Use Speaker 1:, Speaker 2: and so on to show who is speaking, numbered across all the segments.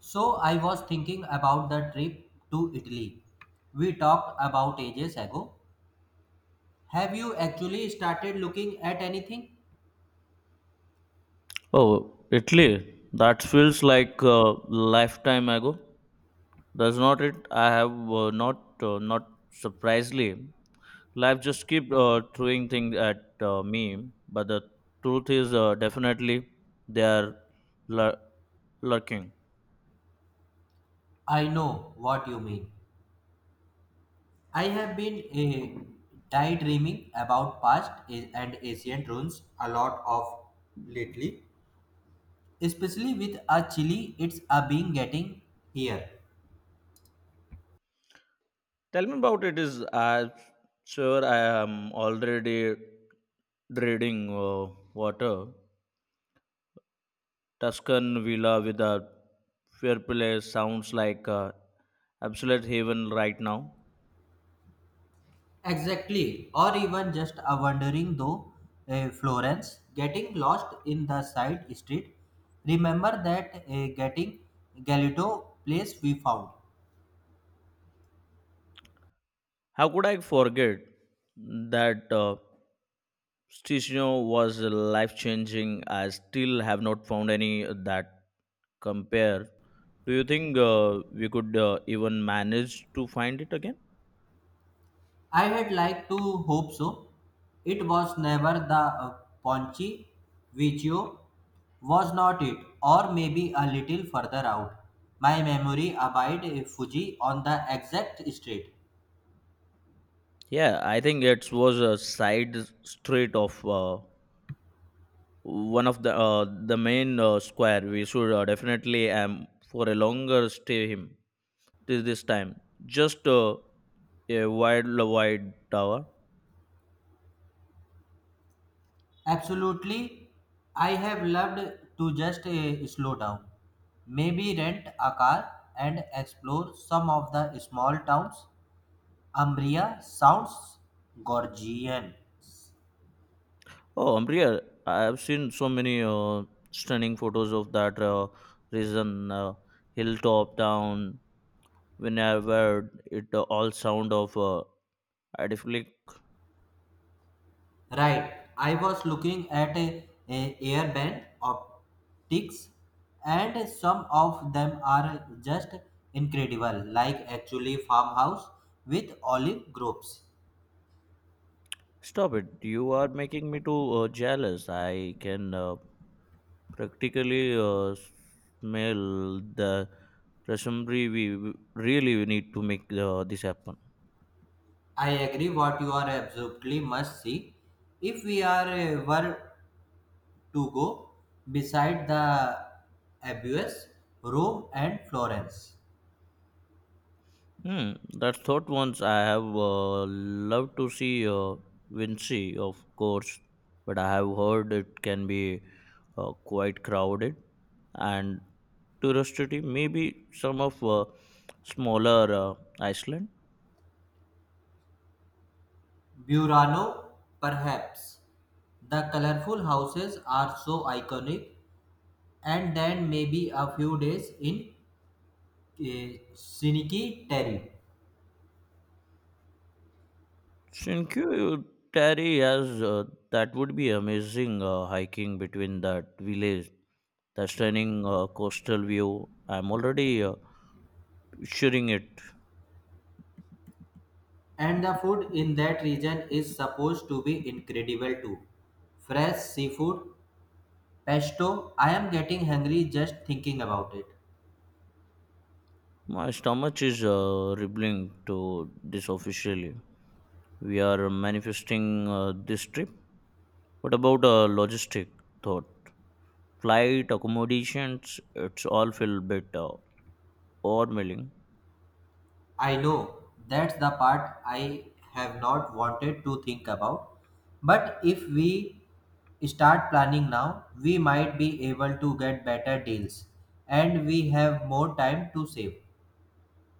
Speaker 1: So I was thinking about the trip to Italy we talked about ages ago. Have you actually started looking at anything?
Speaker 2: Oh, Italy. That feels like a lifetime ago. Does not it? I have not not surprisingly. Life just keep throwing things at me, but the truth is definitely they are lur- lurking.
Speaker 1: I know what you mean. I have been daydreaming about past and ancient ruins a lot of lately, especially with a Chile it's a being getting here.
Speaker 2: Tell me about it. Is I'm sure I am already dreading water. Tuscan villa with a fireplace sounds like a absolute heaven right now.
Speaker 1: Exactly, or even just a wandering though Florence, getting lost in the side street. Remember that getting Galito place we found.
Speaker 2: How could I forget that Sticino was life changing? I still have not found any that compare. Do you think we could even manage to find it again?
Speaker 1: I had liked to hope so. It was never the Ponchi Vecchio, was not it, or maybe a little further out. My memory abide Fuji on the exact street.
Speaker 2: Yeah, I think it was a side street of one of the main square. We should definitely for a longer stay him. This time just a wide tower.
Speaker 1: Absolutely. I have loved to just slow down. Maybe rent a car and explore some of the small towns. Umbria sounds Gorgian.
Speaker 2: Oh, amriya, I have seen so many stunning photos of that region, hilltop town whenever it all sound of idyllic.
Speaker 1: Right. I was looking at a airband optics and some of them are just incredible like actually farmhouse with olive groves.
Speaker 2: Stop it, you are making me too jealous. I can practically smell the Rasambri, we really need to make this happen.
Speaker 1: I agree what you are absolutely must see. If we are were to go beside the Abuse, Rome and Florence.
Speaker 2: Hmm, that thought once I have loved to see Vinci, of course, but I have heard it can be quite crowded and touristy. Maybe some of smaller Iceland.
Speaker 1: Burano, perhaps. The colorful houses are so iconic and then maybe a few days in uh, Siniki Terry.
Speaker 2: Sinkuteri has that would be amazing, hiking between that village, the stunning coastal view. I'm already picturing it.
Speaker 1: And the food in that region is supposed to be incredible too. Fresh seafood, Pesto, I am getting hungry just thinking about it.
Speaker 2: My stomach is rebelling to this officially. We are manifesting this trip. What about logistic thought? Flight, accommodations, it's all feel a bit overwhelming.
Speaker 1: I know that's the part I have not wanted to think about. But if we start planning now, we might be able to get better deals and we have more time to save.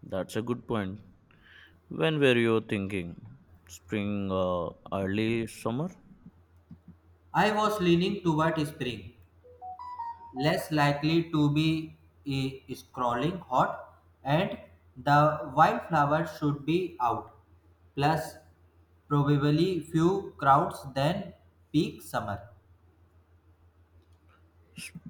Speaker 2: That's a good point. When were you thinking? Spring, early summer?
Speaker 1: I was leaning toward spring, less likely to be scrawling hot, and the wildflowers should be out, plus probably few crowds than peak summer.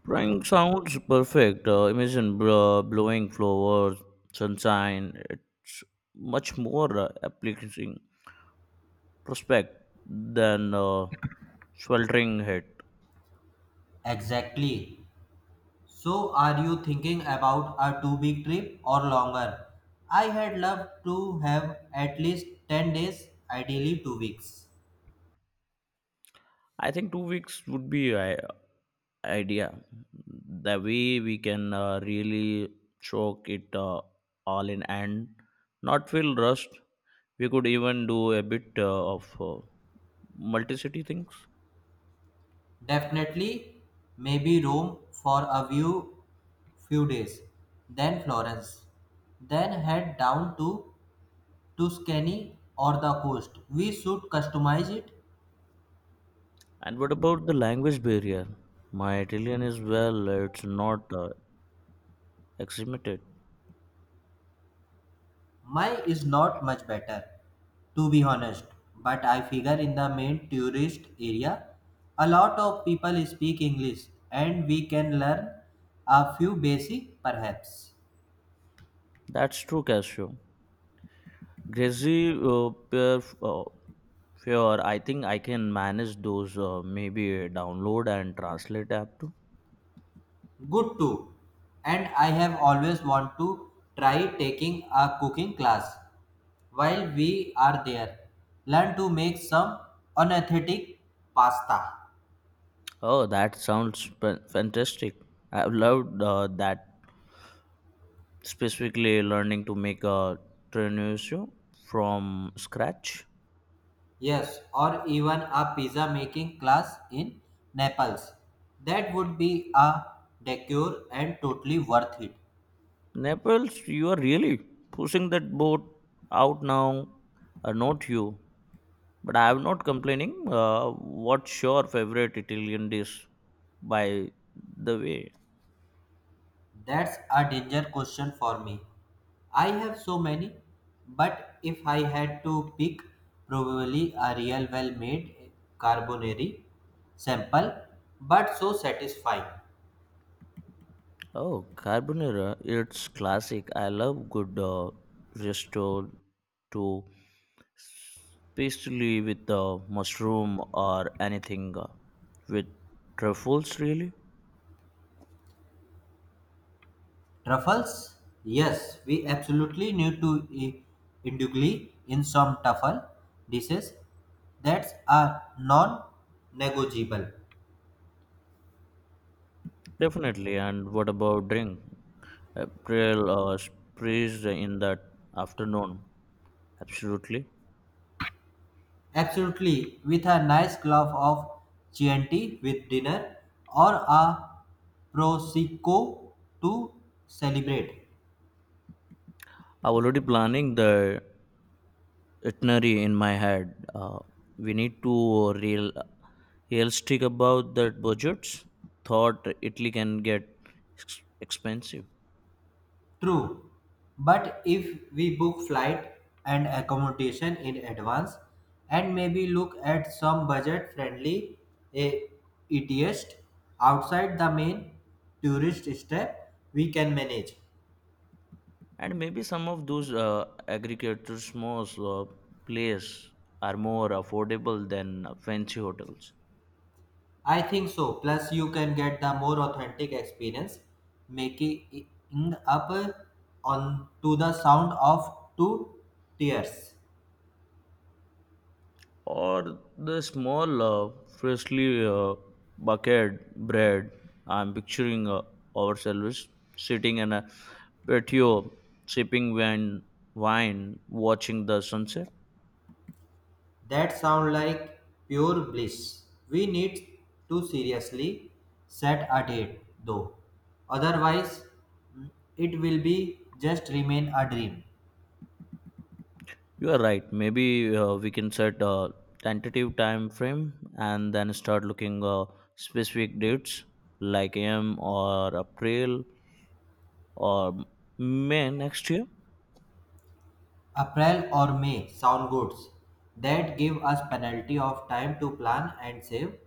Speaker 2: Spring sounds perfect. Imagine bro, blowing flowers, sunshine. It's much more appealing prospect than sweltering heat.
Speaker 1: Exactly. So, are you thinking about a 2 week trip or longer? I had loved to have at least 10 days, ideally 2 weeks.
Speaker 2: I think 2 weeks would be idea. The way we can really choke it all in and not feel rushed. We could even do a bit of multicity things.
Speaker 1: Definitely, maybe Rome for a few days, then Florence, then head down to Tuscany or the coast. We should customize it.
Speaker 2: And what about the language barrier? My Italian is, well, it's not acclimated.
Speaker 1: Mine is not much better, to be honest, but I figure in the main tourist area, a lot of people speak English, and we can learn a few basic perhaps.
Speaker 2: That's true, Casio. Grazy, pair, fear, I think I can manage those. Maybe download and translate app too.
Speaker 1: Good too. And I have always want to try taking a cooking class while we are there. Learn to make some unathletic pasta.
Speaker 2: Oh, that sounds fantastic. I've loved that specifically learning to make a trenucio from scratch.
Speaker 1: Yes, or even a pizza making class in Naples. That would be a decor and totally worth it.
Speaker 2: Naples, you are really pushing that boat out now. Not you, but I am not complaining. What's your favorite Italian dish, by the way?
Speaker 1: That's a danger question for me. I have so many, but if I had to pick, probably a real well made carbonari. Simple, but so satisfying.
Speaker 2: Oh, carbonara, it's classic. I love good resto to pastry with mushroom or anything with truffles, really?
Speaker 1: Truffles? Yes, we absolutely need to eh, indulge in some truffle dishes. That's a non negotiable.
Speaker 2: Definitely. And what about drink? April sprays in that afternoon. Absolutely.
Speaker 1: Absolutely, with a nice glove of Chianti with dinner or a Prosecco to celebrate.
Speaker 2: I'm already planning the itinerary in my head. We need to realistic about that budgets. Thought Italy can get expensive,
Speaker 1: True, but if we book flight and accommodation in advance and maybe look at some budget-friendly eh, ETS outside the main tourist step, we can manage.
Speaker 2: and maybe some of those aggregators, small uh, place are more affordable than fancy hotels.
Speaker 1: I think so. Plus, you can get the more authentic experience, making it up on to the sound of two tears.
Speaker 2: Or the small freshly bucket bread. I'm picturing ourselves sitting in a patio sipping wine, wine watching the sunset.
Speaker 1: That sound like pure bliss. We need to seriously set a date, though. Otherwise, mm, it will be just remain a dream.
Speaker 2: You are right, maybe we can set a tentative time frame and then start looking specific dates like am or April or may next year.
Speaker 1: April or May sound goods that give us penalty of time to plan and save.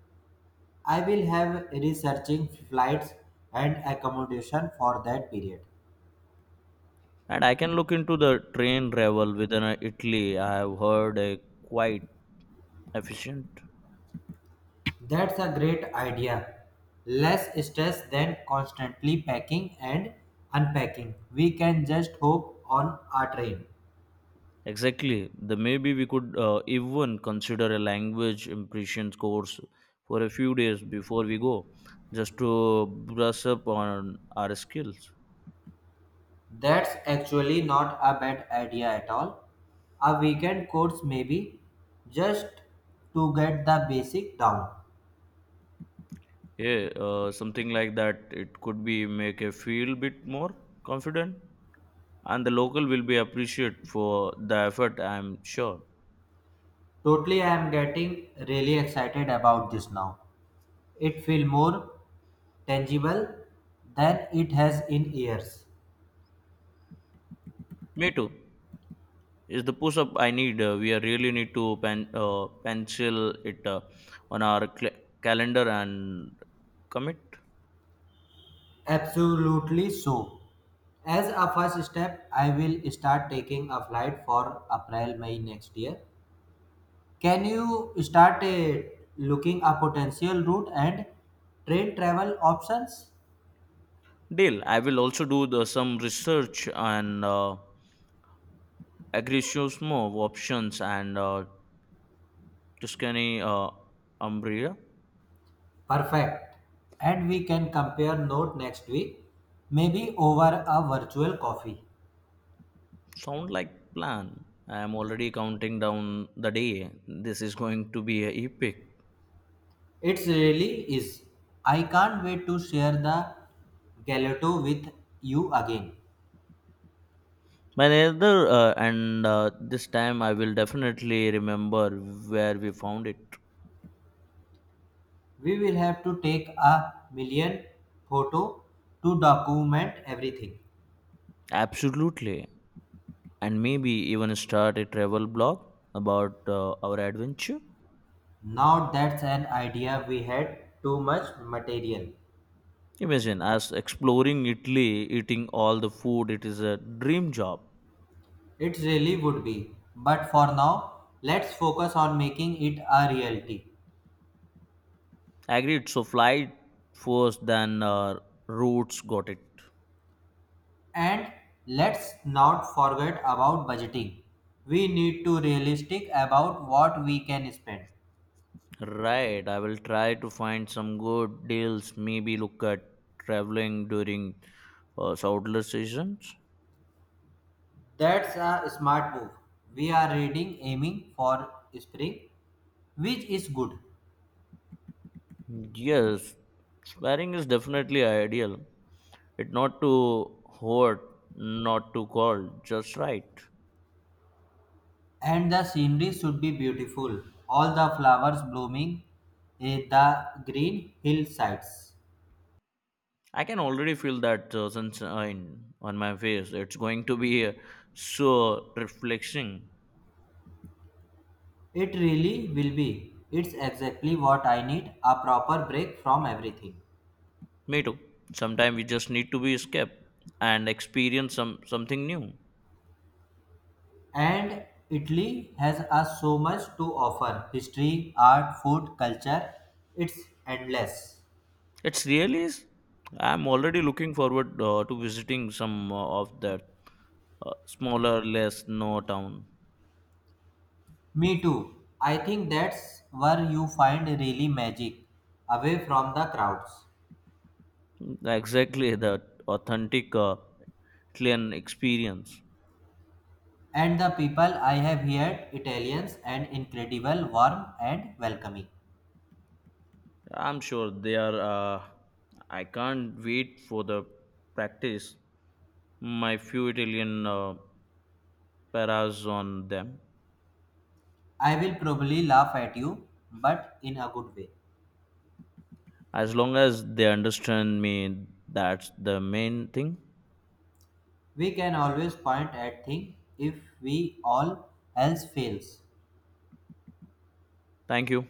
Speaker 1: I will have researching flights and accommodation for that period.
Speaker 2: And I can look into the train travel within Italy. I have heard a quite efficient.
Speaker 1: That's a great idea. Less stress than constantly packing and unpacking. We can just hop on a train.
Speaker 2: Exactly. The maybe we could even consider a language impressions course for a few days before we go, just to brush up on our skills.
Speaker 1: That's actually not a bad idea at all. A weekend course maybe just to get the basic down.
Speaker 2: Yeah, something like that. It could be make a feel bit more confident, and the local will be appreciate for the effort. I'm sure.
Speaker 1: Totally I am getting really excited about this now. It feel more tangible than it has in years.
Speaker 2: Me too. Is the push up I need, we are really need to pen, pencil it on our calendar and commit.
Speaker 1: Absolutely so. As a first step, I will start taking a flight for April May next year. Can you start looking a potential route and train travel options?
Speaker 2: Deal, I will also do the, some research and agriculturismo options and tuscany umbria.
Speaker 1: Perfect. And we can compare note next week, maybe over a virtual coffee.
Speaker 2: Sound like plan. I am already counting down the day. This is going to be a epic.
Speaker 1: It really is. I can't wait to share the gelato with you again.
Speaker 2: My other, and this time I will definitely remember where we found it.
Speaker 1: We will have to take a million photo to document everything.
Speaker 2: Absolutely. And maybe even start a travel blog about our adventure.
Speaker 1: Now that's an idea we had too much material.
Speaker 2: Imagine us exploring Italy, eating all the food. It is a dream job.
Speaker 1: It really would be. But for now, let's focus on making it a reality.
Speaker 2: Agreed. So flight first, then routes. Got it.
Speaker 1: And let's not forget about budgeting. We need to realistic about what we can spend.
Speaker 2: Right. I will try to find some good deals. Maybe look at traveling during shoulder seasons.
Speaker 1: That's a smart move. We are reading aiming for spring, which is good.
Speaker 2: Yes, sparing is definitely ideal. It not too hot, not too cold, just right.
Speaker 1: And the scenery should be beautiful. All the flowers blooming in the green hillsides.
Speaker 2: I can already feel that sunshine on my face. It's going to be so refreshing.
Speaker 1: It really will be. It's exactly what I need a proper break from everything.
Speaker 2: Me too. Sometimes we just need to be escaped and experience something new.
Speaker 1: And Italy has us so much to offer history, art, food, culture. It's endless.
Speaker 2: It's really is. I'm already looking forward to visiting some of that smaller, less known town.
Speaker 1: Me too. I think that's where you find really magic, away from the crowds.
Speaker 2: Exactly that authentic clean experience.
Speaker 1: And the people I have here, Italians and incredible, warm and welcoming.
Speaker 2: I'm sure they are. I can't wait for the practice. My few Italian paras on them.
Speaker 1: I will probably laugh at you, but in a good way.
Speaker 2: As long as they understand me, that's the main thing.
Speaker 1: We can always point at things if we all else fails.
Speaker 2: Thank you.